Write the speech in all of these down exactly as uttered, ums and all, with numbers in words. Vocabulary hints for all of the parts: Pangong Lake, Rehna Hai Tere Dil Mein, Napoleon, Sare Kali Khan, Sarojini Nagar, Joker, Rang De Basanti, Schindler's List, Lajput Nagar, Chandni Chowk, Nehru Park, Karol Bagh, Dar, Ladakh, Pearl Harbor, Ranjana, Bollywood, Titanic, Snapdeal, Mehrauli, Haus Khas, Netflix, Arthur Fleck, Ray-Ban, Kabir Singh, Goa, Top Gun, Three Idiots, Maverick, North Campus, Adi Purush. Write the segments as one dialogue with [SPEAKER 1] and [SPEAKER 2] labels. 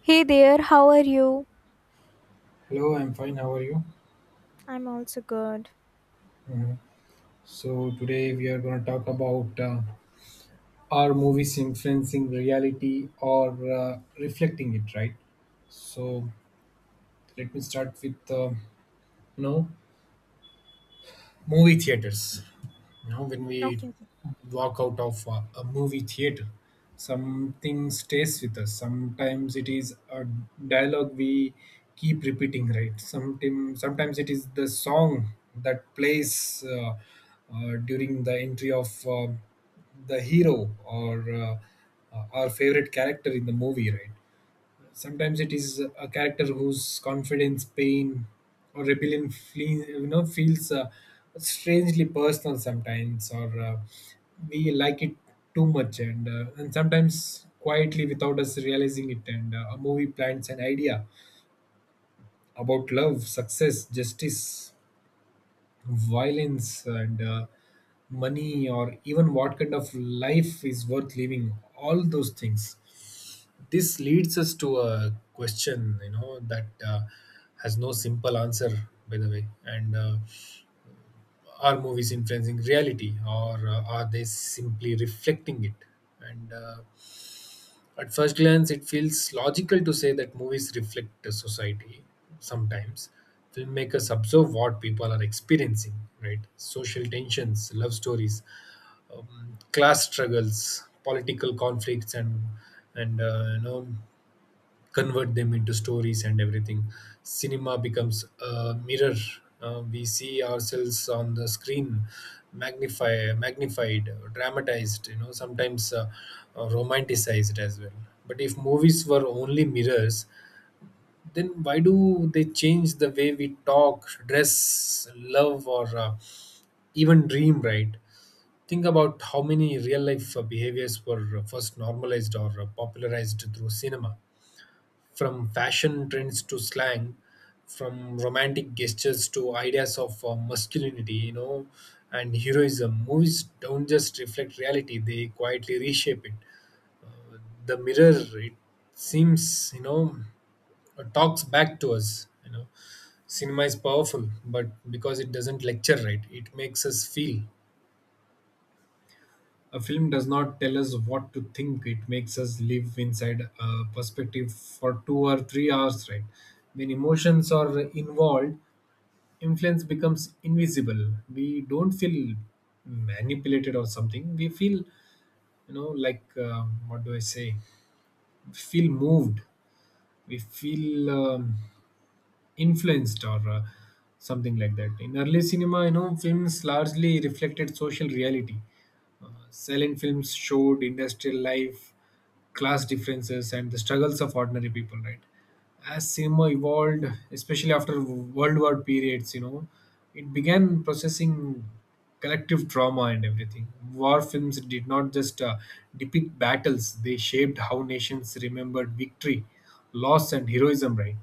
[SPEAKER 1] Hey there, how are you?
[SPEAKER 2] Hello, I'm fine. How are you?
[SPEAKER 1] I'm also good.
[SPEAKER 2] Mhm. So today we are going to talk about uh, are movies influencing reality or uh, reflecting it, right? So let me start with uh, you know movie theaters. You know when we
[SPEAKER 1] Okay, okay.
[SPEAKER 2] walk out of a, a movie theater, something stays with us. Sometimes it is a dialogue we keep repeating, right? Sometimes sometimes it is the song that plays uh, uh, during the entry of uh, the hero or uh, uh, our favorite character in the movie, right? Sometimes it is a character whose confidence, pain, or rebellion flee, you know, feels uh, strangely personal sometimes, or uh, we like it too much, and uh, and sometimes quietly without us realizing it. And uh, a movie plants an idea about love, success, justice, violence, and uh, money, or even what kind of life is worth living. All those things, this leads us to a question, you know that uh, has no simple answer, by the way. And uh, are movies influencing reality, or uh, are they simply reflecting it? And uh, at first glance, it feels logical to say that movies reflect the society sometimes. Filmmakers observe what people are experiencing, right? Social tensions, love stories, um, class struggles, political conflicts, and and uh, you know convert them into stories and everything. Cinema becomes a mirror. Uh, we see ourselves on the screen, magnify, magnified, dramatized. You know, sometimes uh, uh, romanticized as well. But if movies were only mirrors, then why do they change the way we talk, dress, love, or uh, even dream, right? Think about how many real life uh, behaviors were uh, first normalized or uh, popularized through cinema, from fashion trends to slang, from romantic gestures to ideas of uh, masculinity, you know, and heroism. Movies don't just reflect reality, they quietly reshape it. The mirror, it seems, you know, talks back to us, you know. Cinema is powerful, but because it doesn't lecture, right, it makes us feel. A film does not tell us what to think, it makes us live inside a perspective for two or three hours, right? When emotions are involved, influence becomes invisible. We don't feel manipulated or something. We feel, you know, like, uh, what do I say? We feel moved. We feel um, influenced or uh, something like that. In early cinema, you know, films largely reflected social reality. Silent films showed industrial life, class differences, and the struggles of ordinary people, right? As cinema evolved, especially after World War periods, you know, it began processing collective trauma and everything. War films did not just uh, depict battles, they shaped how nations remembered victory, loss, and heroism, right?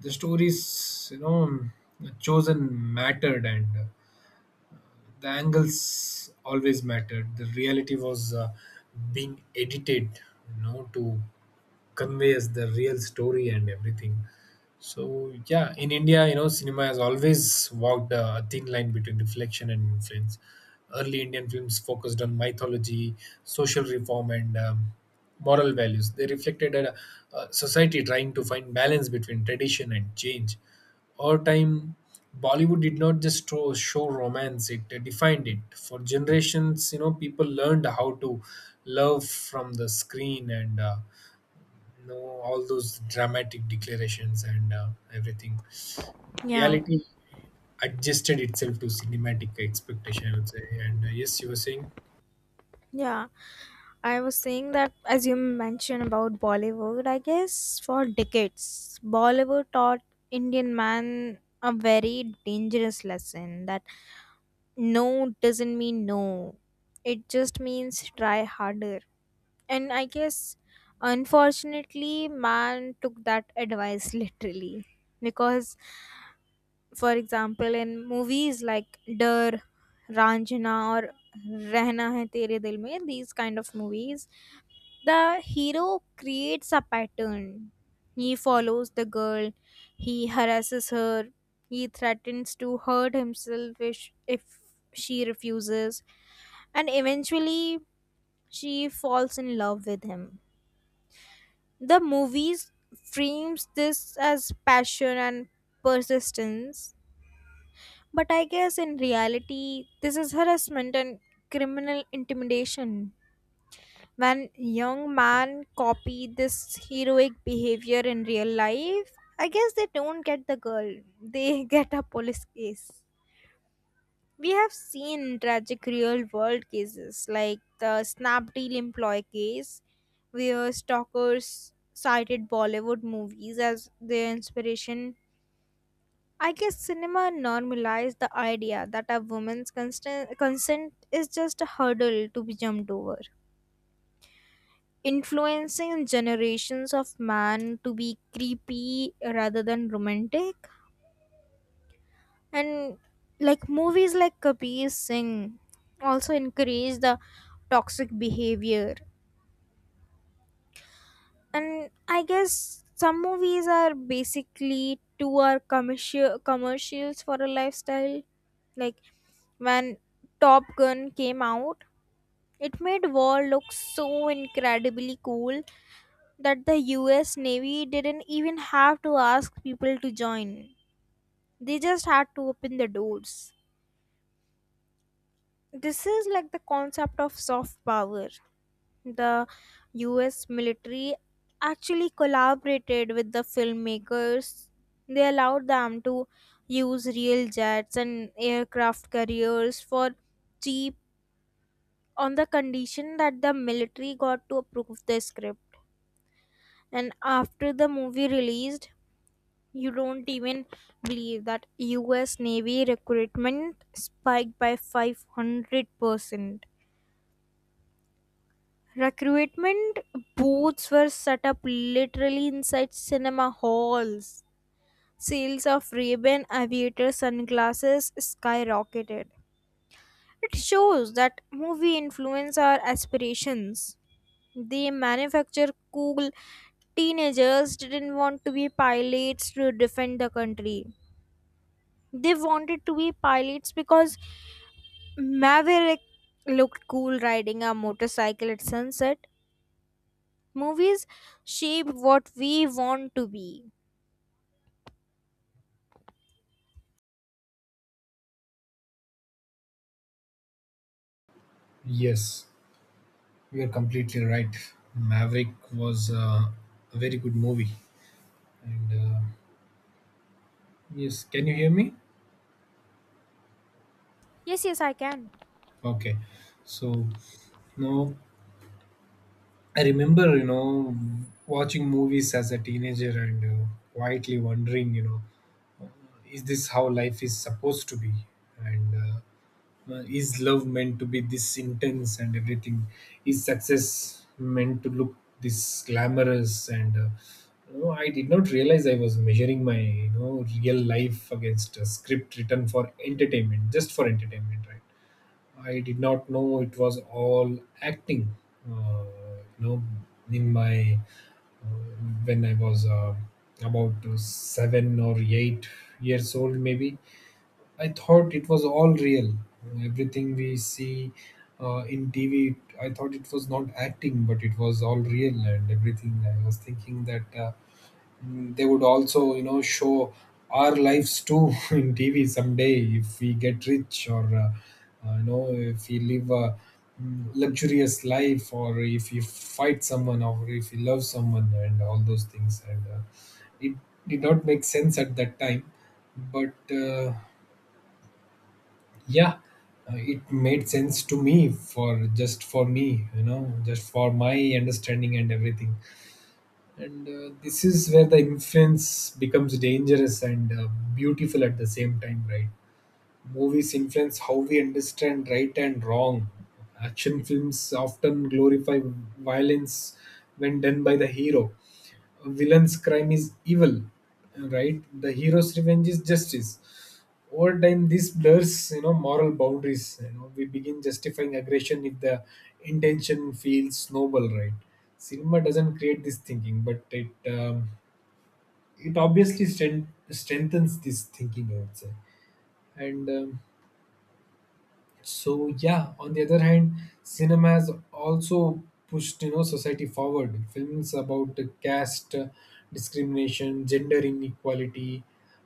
[SPEAKER 2] The stories, you know, chosen, mattered, and uh, the angles always mattered. The reality was uh, being edited, you know to conveys the real story and everything. So yeah, in India, you know, cinema has always walked a thin line between reflection and influence. Early Indian films focused on mythology, social reform, and um, moral values. They reflected a, a society trying to find balance between tradition and change. Over time, Bollywood did not just show, show romance; it defined it for generations. You know, people learned how to love from the screen and. Uh, no, all those dramatic declarations and uh, everything.
[SPEAKER 1] Yeah.
[SPEAKER 2] Reality adjusted itself to cinematic expectation, I would say. And uh, Yes, you were saying?
[SPEAKER 1] Yeah, I was saying that as you mentioned about Bollywood, I guess for decades, Bollywood taught Indian man a very dangerous lesson that no doesn't mean no. It just means try harder. And I guess unfortunately man took that advice literally because for example in movies like Dar, Ranjana, or Rehna Hai Tere Dil Mein, these kind of movies, the hero creates a pattern. He follows the girl, he harasses her, he threatens to hurt himself if, sh- if she refuses, and eventually she falls in love with him. The movies frames this as passion and persistence, but I guess in reality, this is harassment and criminal intimidation. When young man copy this heroic behavior in real life, I guess they don't get the girl. They get a police case. We have seen tragic real world cases like the Snapdeal employee case, where stalkers cited Bollywood movies as their inspiration. I guess cinema normalized the idea that a woman's constant consent is just a hurdle to be jumped over, influencing generations of men to be creepy rather than romantic. And like movies like Kabir Singh also encourage the toxic behavior. And I guess some movies are basically two are commercial commercials for a lifestyle. Like when Top Gun came out, it made war look so incredibly cool that the U S Navy didn't even have to ask people to join. They just had to open the doors. This is like the concept of soft power. The U S military actually collaborated with the filmmakers. They allowed them to use real jets and aircraft carriers for cheap, on the condition that the military got to approve the script. And after the movie released, you don't even believe that U S Navy recruitment spiked by five hundred percent. Recruitment booths were set up literally inside cinema halls. Sales of Ray-Ban aviator sunglasses skyrocketed. It shows that movie influence our aspirations. They manufacture cool. Teenagers didn't want to be pilots to defend the country. They wanted to be pilots because Maverick looked cool riding a motorcycle at sunset. Movies shape what we want to be.
[SPEAKER 2] Yes, you are completely right. Maverick was uh, a very good movie. And uh, Yes, can you hear me?
[SPEAKER 1] Yes, yes, I can.
[SPEAKER 2] Okay. So, no, I remember, you know, watching movies as a teenager and uh, quietly wondering, you know, is this how life is supposed to be? And uh, Uh, is love meant to be this intense and everything? Is success meant to look this glamorous? And uh, you know, I did not realize I was measuring my you know real life against a script written for entertainment, just for entertainment, right? I did not know it was all acting. Uh, you know, in my uh, when I was uh, about uh, seven or eight years old, maybe I thought it was all real. Everything we see uh, in T V, I thought it was not acting, but it was all real and everything. I was thinking that uh, mm, they would also, you know, show our lives too in T V someday if we get rich or, uh, uh, you know, if we live a mm, luxurious life, or if you fight someone or if you love someone and all those things. And uh, it did not make sense at that time, but uh, yeah, uh, it made sense to me, for just for me, you know just for my understanding and everything. And uh, this is where the influence becomes dangerous and uh, beautiful at the same time, right? Movies influence how we understand right and wrong. Action films often glorify violence when done by the hero. Villain's crime is evil, right? The hero's revenge is justice. Over time, this blurs, you know, moral boundaries. You know, we begin justifying aggression if the intention feels noble, right? Cinema doesn't create this thinking, but it um, it obviously strength, strengthens this thinking, I would say. And um, So yeah, on the other hand, cinema has also pushed, you know society forward. Films about caste discrimination, gender inequality,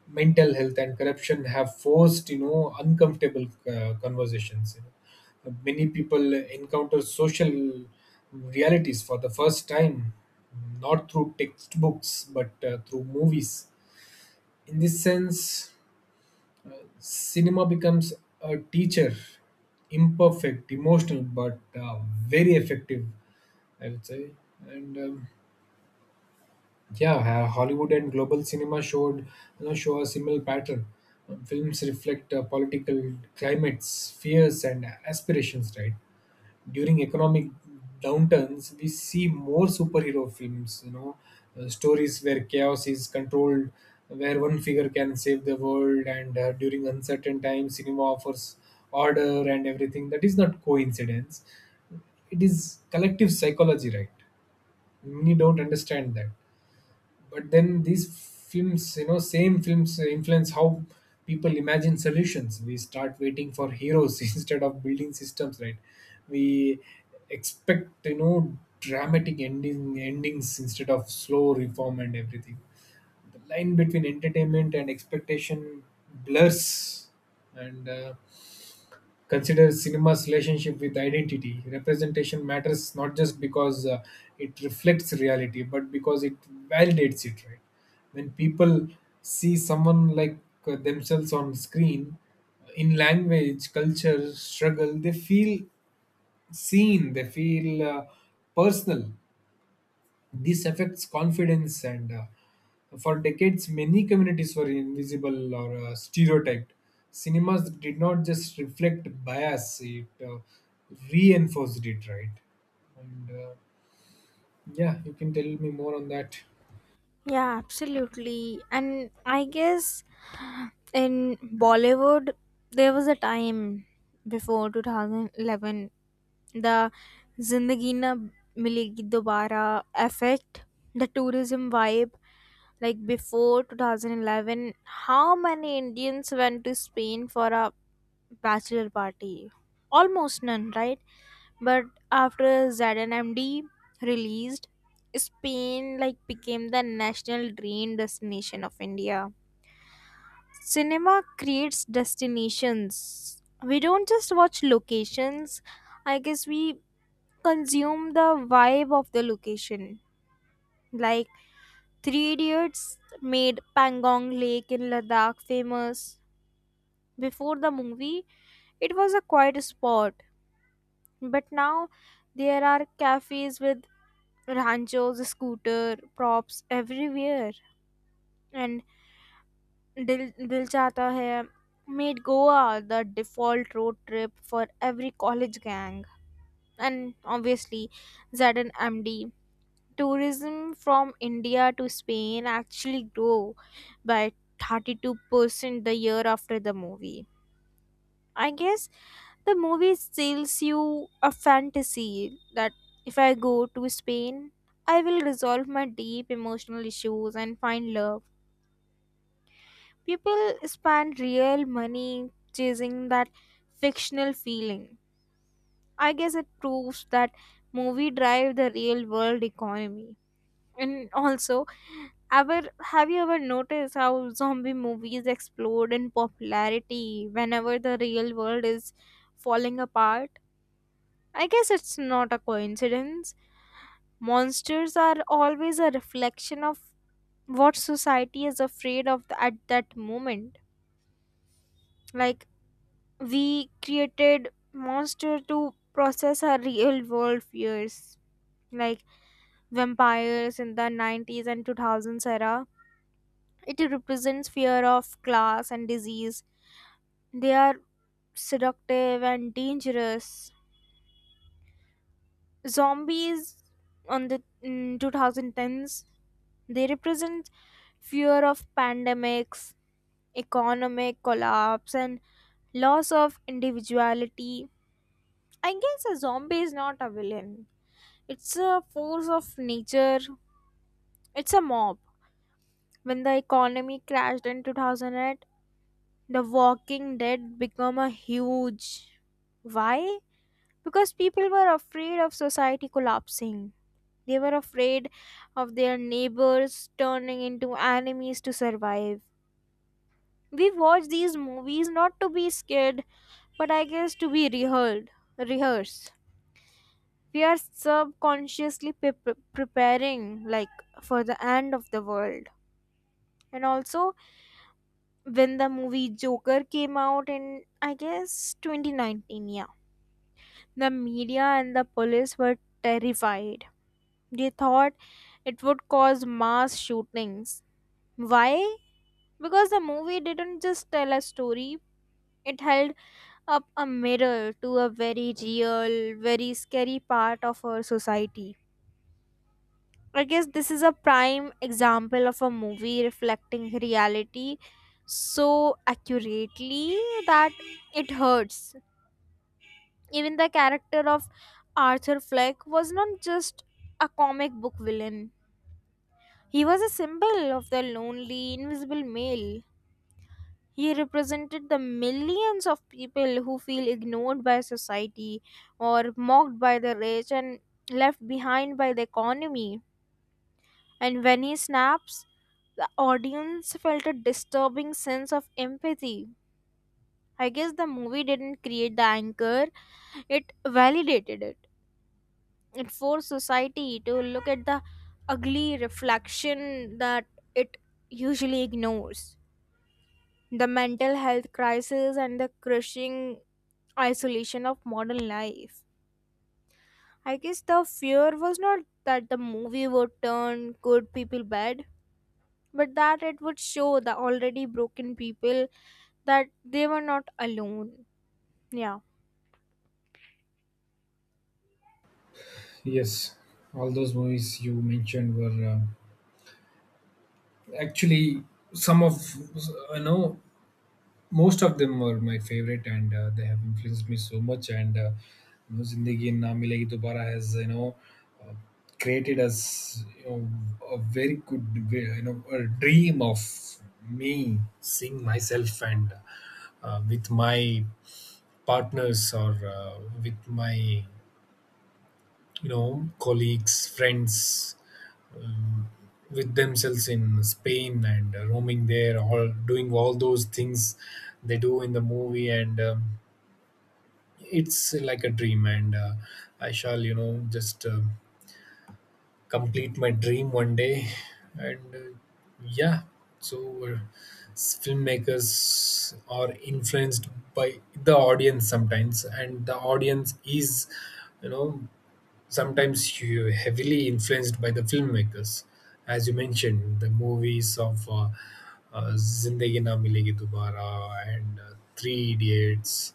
[SPEAKER 2] mental health, and corruption have forced, you know uncomfortable uh, conversations. You know. Many people encounter social realities for the first time, not through textbooks but uh, through movies. In this sense, cinema becomes a teacher, imperfect, emotional, but uh, very effective, I would say. And um, Yeah, ha- Hollywood and global cinema showed you know, show a similar pattern. Um, films reflect uh, political climates, fears, and aspirations, right? During economic downturns, we see more superhero films, you know uh, stories where chaos is controlled, where one figure can save the world. And uh, during uncertain times, cinema offers order and everything. That is not coincidence, it is collective psychology, right? Many don't understand that. But then these films you know same films uh, influence how people imagine solutions. We start waiting for heroes instead of building systems, right? We expect, you know dramatic ending endings instead of slow reform and everything. The line between entertainment and expectation blurs. And uh, consider cinema's relationship with identity. Representation matters not just because uh, it reflects reality, but because it validates it, right? When people see someone like uh, themselves on screen, in language, culture, struggle, they feel seen, they feel uh, personal. This affects confidence, and uh, for decades, many communities were invisible or uh, stereotyped. Cinemas did not just reflect bias, it uh, reinforced it, right? And uh, Yeah, you can tell me more on that.
[SPEAKER 1] Yeah, absolutely. And I guess in Bollywood, there was a time before two thousand eleven, the Zindagi Na Milegi Dobara effect, the tourism vibe. Like before two thousand eleven, how many Indians went to Spain for a bachelor party? Almost none, right? But after Z N M D released, Spain like became the national dream destination of India. Cinema creates destinations. We don't just watch locations. I guess we consume the vibe of the location. Like Three Idiots made Pangong Lake in Ladakh famous. Before the movie, it was a quiet spot, but now there are cafes with ranchos, scooter props everywhere, and दिल दिल चाहता है made Goa the default road trip for every college gang. And obviously, M D tourism from India to Spain actually grew by thirty-two percent the year after the movie. I guess the movie sells you a fantasy that if I go to Spain, I will resolve my deep emotional issues and find love. People spend real money chasing that fictional feeling. I guess it proves that movie drive the real world economy. And also, ever have you ever noticed how zombie movies explode in popularity whenever the real world is falling apart? I guess it's not a coincidence. Monsters are always a reflection of what society is afraid of at that moment. Like, we created monster to process our real world fears, like vampires in the nineties and two thousands era. It represents fear of class and disease. They are seductive and dangerous. Zombies on the in twenty tens, they represent fear of pandemics, economic collapse, and loss of individuality. I guess a zombie is not a villain. It's a force of nature. It's a mob. When the economy crashed in two thousand eight, The Walking Dead became a huge. Why? Because people were afraid of society collapsing. They were afraid of their neighbors turning into enemies to survive. We watch these movies not to be scared, but I guess to be rehearsed. Rehearsed. We are subconsciously pe- preparing, like, for the end of the world. And also, when the movie Joker came out in, I guess, twenty nineteen, yeah, the media and the police were terrified. They thought it would cause mass shootings. Why? Because the movie didn't just tell a story, it held up a mirror to a very real, very scary part of our society. I guess this is a prime example of a movie reflecting reality so accurately that it hurts. Even the character of Arthur Fleck was not just a comic book villain, he was a symbol of the lonely, invisible male. He represented the millions of people who feel ignored by society or mocked by the rich and left behind by the economy. And when he snaps, the audience felt a disturbing sense of empathy. I guess the movie didn't create the anger, it validated it. It forced society to look at the ugly reflection that it usually ignores. The mental health crisis and the crushing isolation of modern life. I guess the fear was not that the movie would turn good people bad, but that it would show the already broken people that they were not alone. Yeah.
[SPEAKER 2] Yes, all those movies you mentioned were uh, actually some of you know most of them were my favorite, and uh, they have influenced me so much, and uh, you know, Zindagi Na Milegi Dobara has you know uh, created us, you know a very good way- you know a dream of me seeing myself, and uh, with my partners, or uh, with my, you know colleagues, friends, um, with themselves in Spain and uh, roaming there, all doing all those things they do in the movie. And um, it's like a dream, and uh, I shall, you know just uh, complete my dream one day. And uh, yeah. So uh, s- filmmakers are influenced by the audience sometimes, and the audience is, you know sometimes hu- heavily influenced by the filmmakers. As you mentioned, the movies of uh, uh, Zindagi Na Milegi Dobara and uh, Three Idiots.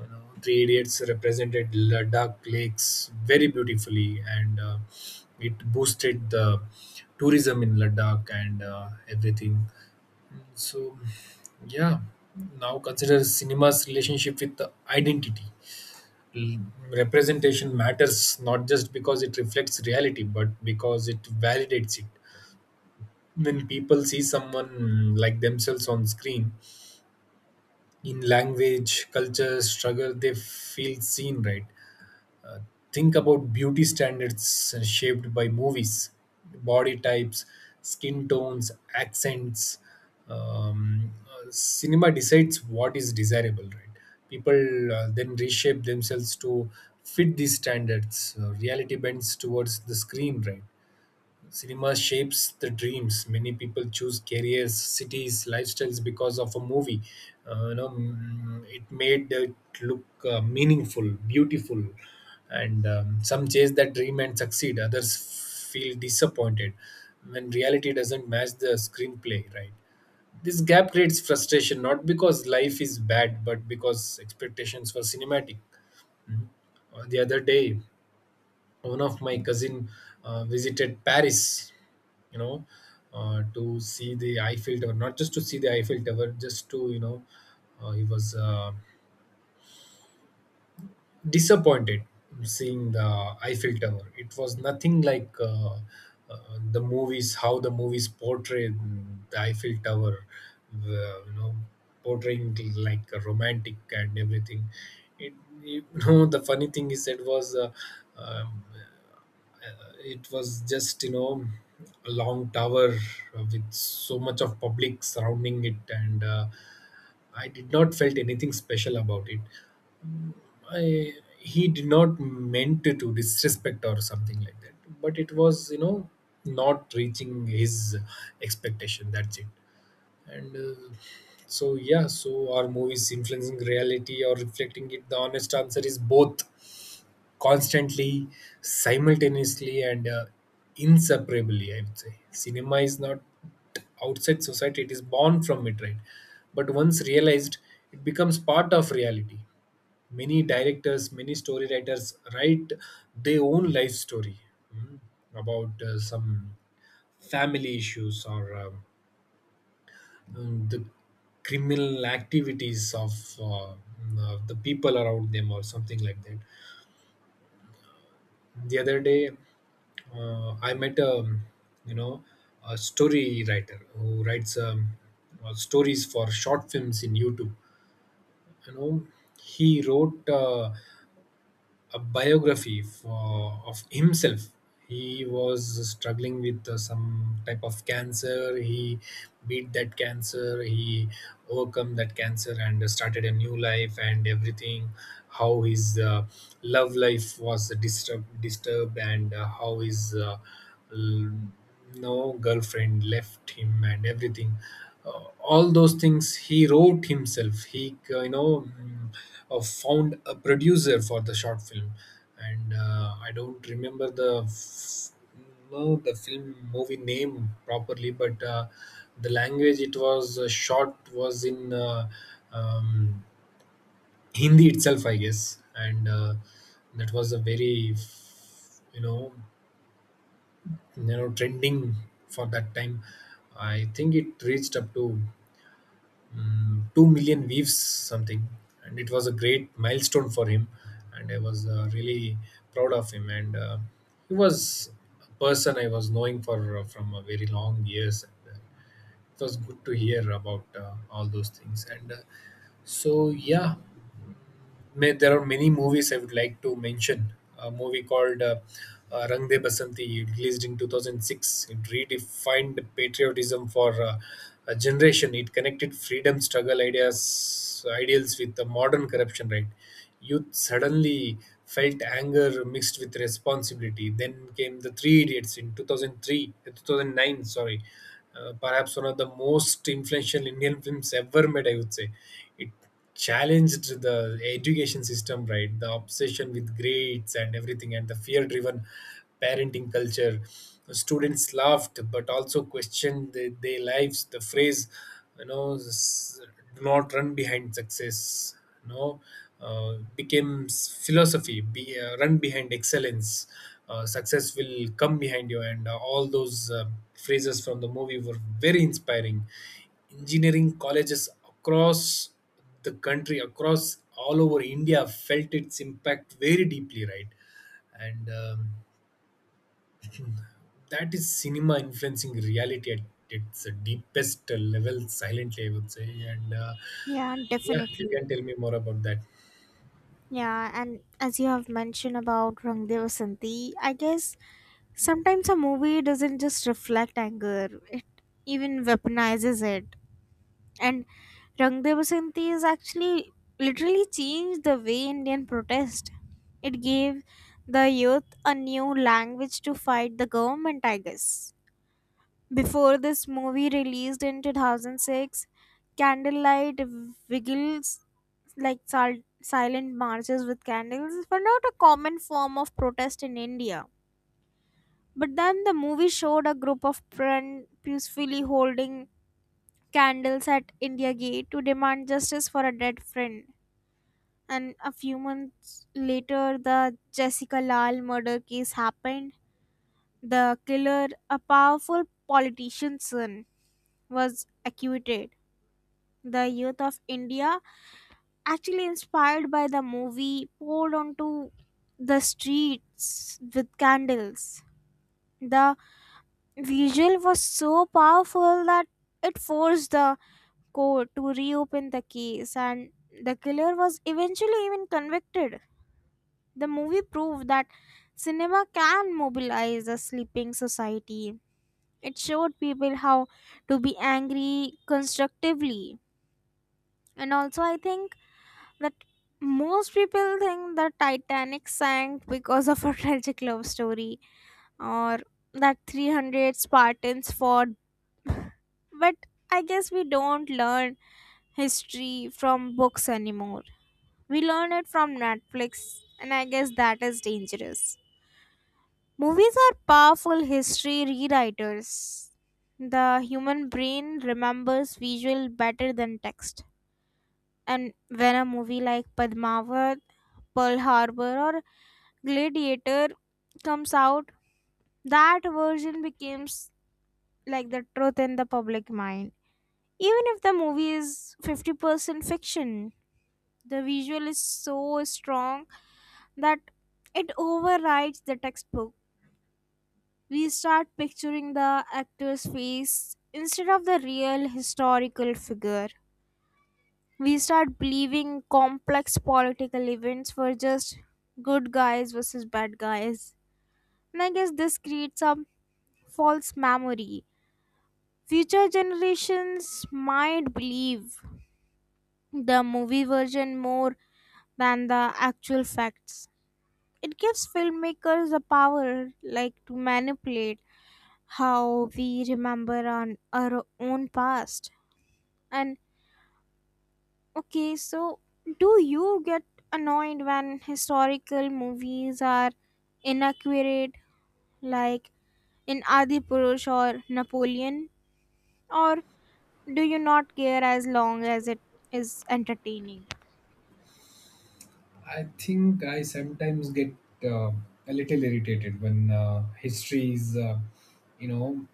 [SPEAKER 2] you know, Three Idiots represented Ladakh lakes very beautifully, and uh, it boosted the tourism in Ladakh and uh, everything. So, yeah, now consider cinema's relationship with the identity. L- Representation matters not just because it reflects reality, but because it validates it. When people see someone, mm, like themselves on screen, in language, culture, struggle, they feel seen, right? Think about beauty standards shaped by movies, body types, skin tones, accents. Um, uh, cinema decides what is desirable, right? People uh, then reshape themselves to fit these standards. Uh, reality bends towards the screen, right? Cinema shapes the dreams. Many people choose careers, cities, lifestyles because of a movie. Uh, you know, mm, it made it look uh, meaningful, beautiful, and um, some chase that dream and succeed. Others feel disappointed when reality doesn't match the screenplay, right. This gap creates frustration not because life is bad, but because expectations were cinematic. Uh, the other day, one of my cousin uh, visited Paris, you know uh, to see the Eiffel Tower, not just to see the Eiffel Tower. Just to you know uh, He was uh, disappointed seeing the Eiffel Tower. It was nothing like uh, uh, the movies, how the movies portrayed the Eiffel Tower, the, you know, portraying it like a romantic and everything. It, you know, the funny thing is it was, uh, um, uh, it was just, you know, a long tower uh, with so much of public surrounding it and uh, I did not felt anything special about it. I, he did not meant to, to disrespect or something like that, but it was, you know not reaching his expectation, that's it. And uh, so yeah, so are movies influencing reality or reflecting it? The honest answer is both, constantly, simultaneously, and uh, inseparably. I would say cinema is not outside society; it is born from it, right? But once realized, it becomes part of reality. Many directors, many story writers write their own life story mm, about uh, some family issues or um, um, the criminal activities of uh, mm, uh, the people around them or something like that. The other day uh, I met a, you know a story writer who writes um, uh, stories for short films in YouTube. you know he wrote uh, a biography for, of himself. He was struggling with uh, some type of cancer. He beat that cancer. He overcome that cancer and started a new life and everything. How his uh, love life was disturbed, disturbed, and uh, how his uh, l- no girlfriend left him and everything. Uh, all those things he wrote himself. He uh, you know mm, uh, found a producer for the short film, and uh, I don't remember the f- no the film movie name properly, but uh, the language it was uh, shot was in uh, um, Hindi itself, I guess. And uh, That was a very, you know you know trending for that time. I think it reached up to um, two million views, something, and it was a great milestone for him, and I was uh, really proud of him. And uh, He was a person I was knowing for uh, from a very long years, and uh, it was good to hear about uh, all those things and uh, so yeah. May, there are many movies I would like to mention. A movie called uh, uh, Rang De Basanti, released in two thousand six. It redefined patriotism for uh, a generation. It connected freedom struggle ideas, ideals with the modern corruption, right? Youth suddenly felt anger mixed with responsibility. Then came The Three Idiots in two thousand three, two thousand nine, sorry. Uh, perhaps one of the most influential Indian films ever made, I would say. It challenged the education system, right, the obsession with grades and everything, and the fear driven parenting culture. Students laughed but also questioned the, their lives. The phrase, you know s- do not run behind success, you know uh, became philosophy. Be uh, Run behind excellence, uh, success will come behind you, and uh, all those uh, phrases from the movie were very inspiring. Engineering colleges across the country, across all over India, felt its impact very deeply, right? And um, That is cinema influencing reality at its deepest level, silently, I would say. And uh,
[SPEAKER 1] Yeah,
[SPEAKER 2] Yeah, you
[SPEAKER 1] definitely.
[SPEAKER 2] can tell me more about that.
[SPEAKER 1] Yeah, and as you have mentioned about Rang De Vasanti, I guess sometimes a movie doesn't just reflect anger, it even weaponizes it. And Rang De Vasanti has actually literally changed the way Indian protest. It gave the youth a new language to fight the government, I guess. Before this movie released in two thousand six, candlelight vigils, like sil- silent marches with candles, were not a common form of protest in India. But then the movie showed a group of friends peacefully holding candles at India Gate to demand justice for a dead friend. And a few months later, the Jessica Lal murder case happened. The killer, a powerful politician's son, was acquitted. The youth of India, actually inspired by the movie, poured onto the streets with candles. The visual was so powerful that it forced the court to reopen the case, and the killer was eventually even convicted. The movie proved that cinema can mobilize a sleeping society. It showed people how to be angry constructively. And also, I think that most people think the Titanic sank because of a tragic love story, or that three hundred Spartans fought, but I guess we don't learn history from books anymore. We learn it from Netflix, and I guess that is dangerous. Movies are powerful history rewriters. The human brain remembers visual better than text. And when a movie like Padmavat, Pearl Harbor, or Gladiator comes out, that version becomes like the truth in the public mind. Even if the movie is fifty percent fiction, the visual is so strong that it overrides the textbook. We start picturing the actor's face instead of the real historical figure. We start believing complex political events were just good guys versus bad guys. And I guess this creates a false memory. Future generations might believe the movie version more than the actual facts. It gives filmmakers the power like to manipulate how we remember on our own past. And okay, so do you get annoyed when historical movies are inaccurate, like in Adi Purush or Napoleon? Or do you not care as long as it is entertaining?
[SPEAKER 2] I think I sometimes get uh, a little irritated when uh, history is, uh, you know,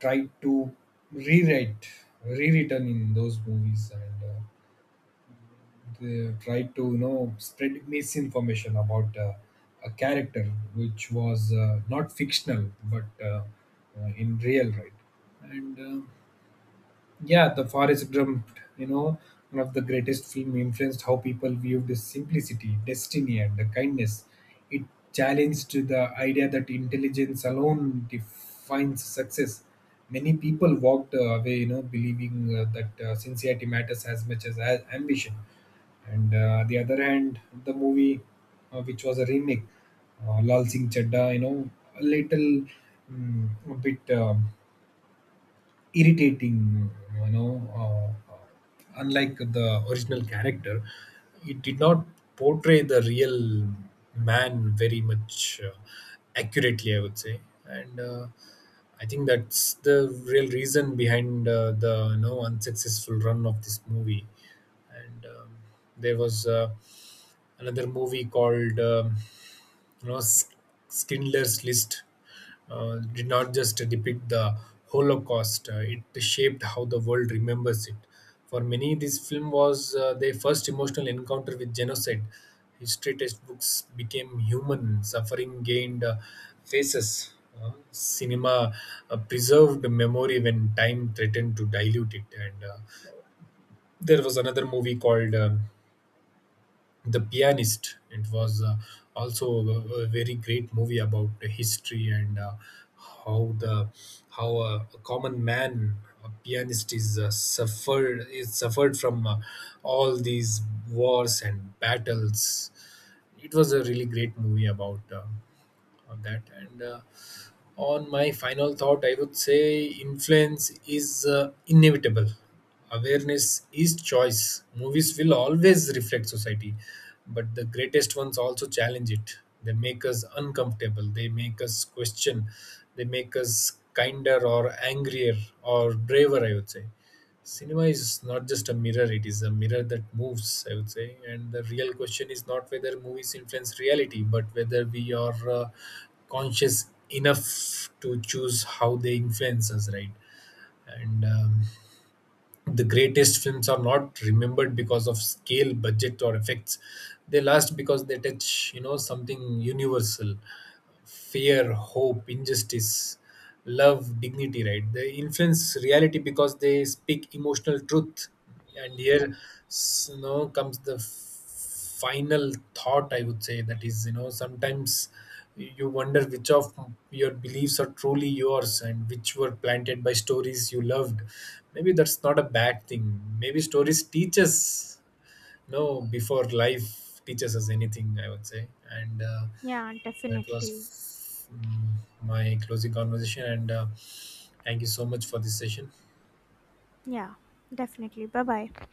[SPEAKER 2] tried to rewrite, rewritten in those movies. And uh, they tried to, you know spread misinformation about uh, a character which was uh, not fictional but uh, uh, in real, right? and uh, Yeah, The Forest Gump, you know, one of the greatest film, influenced how people viewed the simplicity, destiny, and the kindness. It challenged the idea that intelligence alone defines success. Many people walked uh, away, you know, believing uh, that uh, sincerity matters as much as a- ambition. And uh, the other hand, the movie, uh, which was a remake, uh, Lal Singh Chadda, you know, a little, mm, a bit um irritating, you know uh, unlike the original character, it did not portray the real man very much uh, accurately, I would say. And uh, I think that's the real reason behind uh, the you know unsuccessful run of this movie. And um, There was uh, another movie called, um you know Sk- Schindler's List. uh, did not just depict the Holocaust; uh, it shaped how the world remembers it. For many, this film was uh, their first emotional encounter with genocide. History textbooks became human; suffering gained uh, faces. Uh, cinema uh, preserved memory when time threatened to dilute it. And uh, There was another movie called, um The Pianist. It was uh, also a, a very great movie about the history and uh, how the how a, a common man, a pianist, is uh, suffered is suffered from uh, all these wars and battles. It was a really great movie about uh, on that. And. Uh, on my final thought, I would say influence is uh, inevitable. Awareness is choice. Movies will always reflect society, but the greatest ones also challenge it. They make us uncomfortable, they make us question, they make us kinder or angrier or braver. I would say cinema is not just a mirror, it is a mirror that moves, I would say, and the real question is not whether movies influence reality but whether we are uh, conscious enough to choose how they influence us, right? and um, The greatest films are not remembered because of scale, budget, or effects. They last because they touch, you know something universal: fear, hope, injustice, love, dignity, right? They influence reality because they speak emotional truth. And here, s- you know, comes the f- final thought, I would say, that is, you know, sometimes you wonder which of your beliefs are truly yours and which were planted by stories you loved. Maybe that's not a bad thing. Maybe stories teach us no before life teaches us anything, I would say. And uh,
[SPEAKER 1] Yeah,
[SPEAKER 2] That
[SPEAKER 1] definitely.
[SPEAKER 2] was mm, my closing conversation, and uh, thank you so much for this session.
[SPEAKER 1] Yeah, definitely. Bye bye.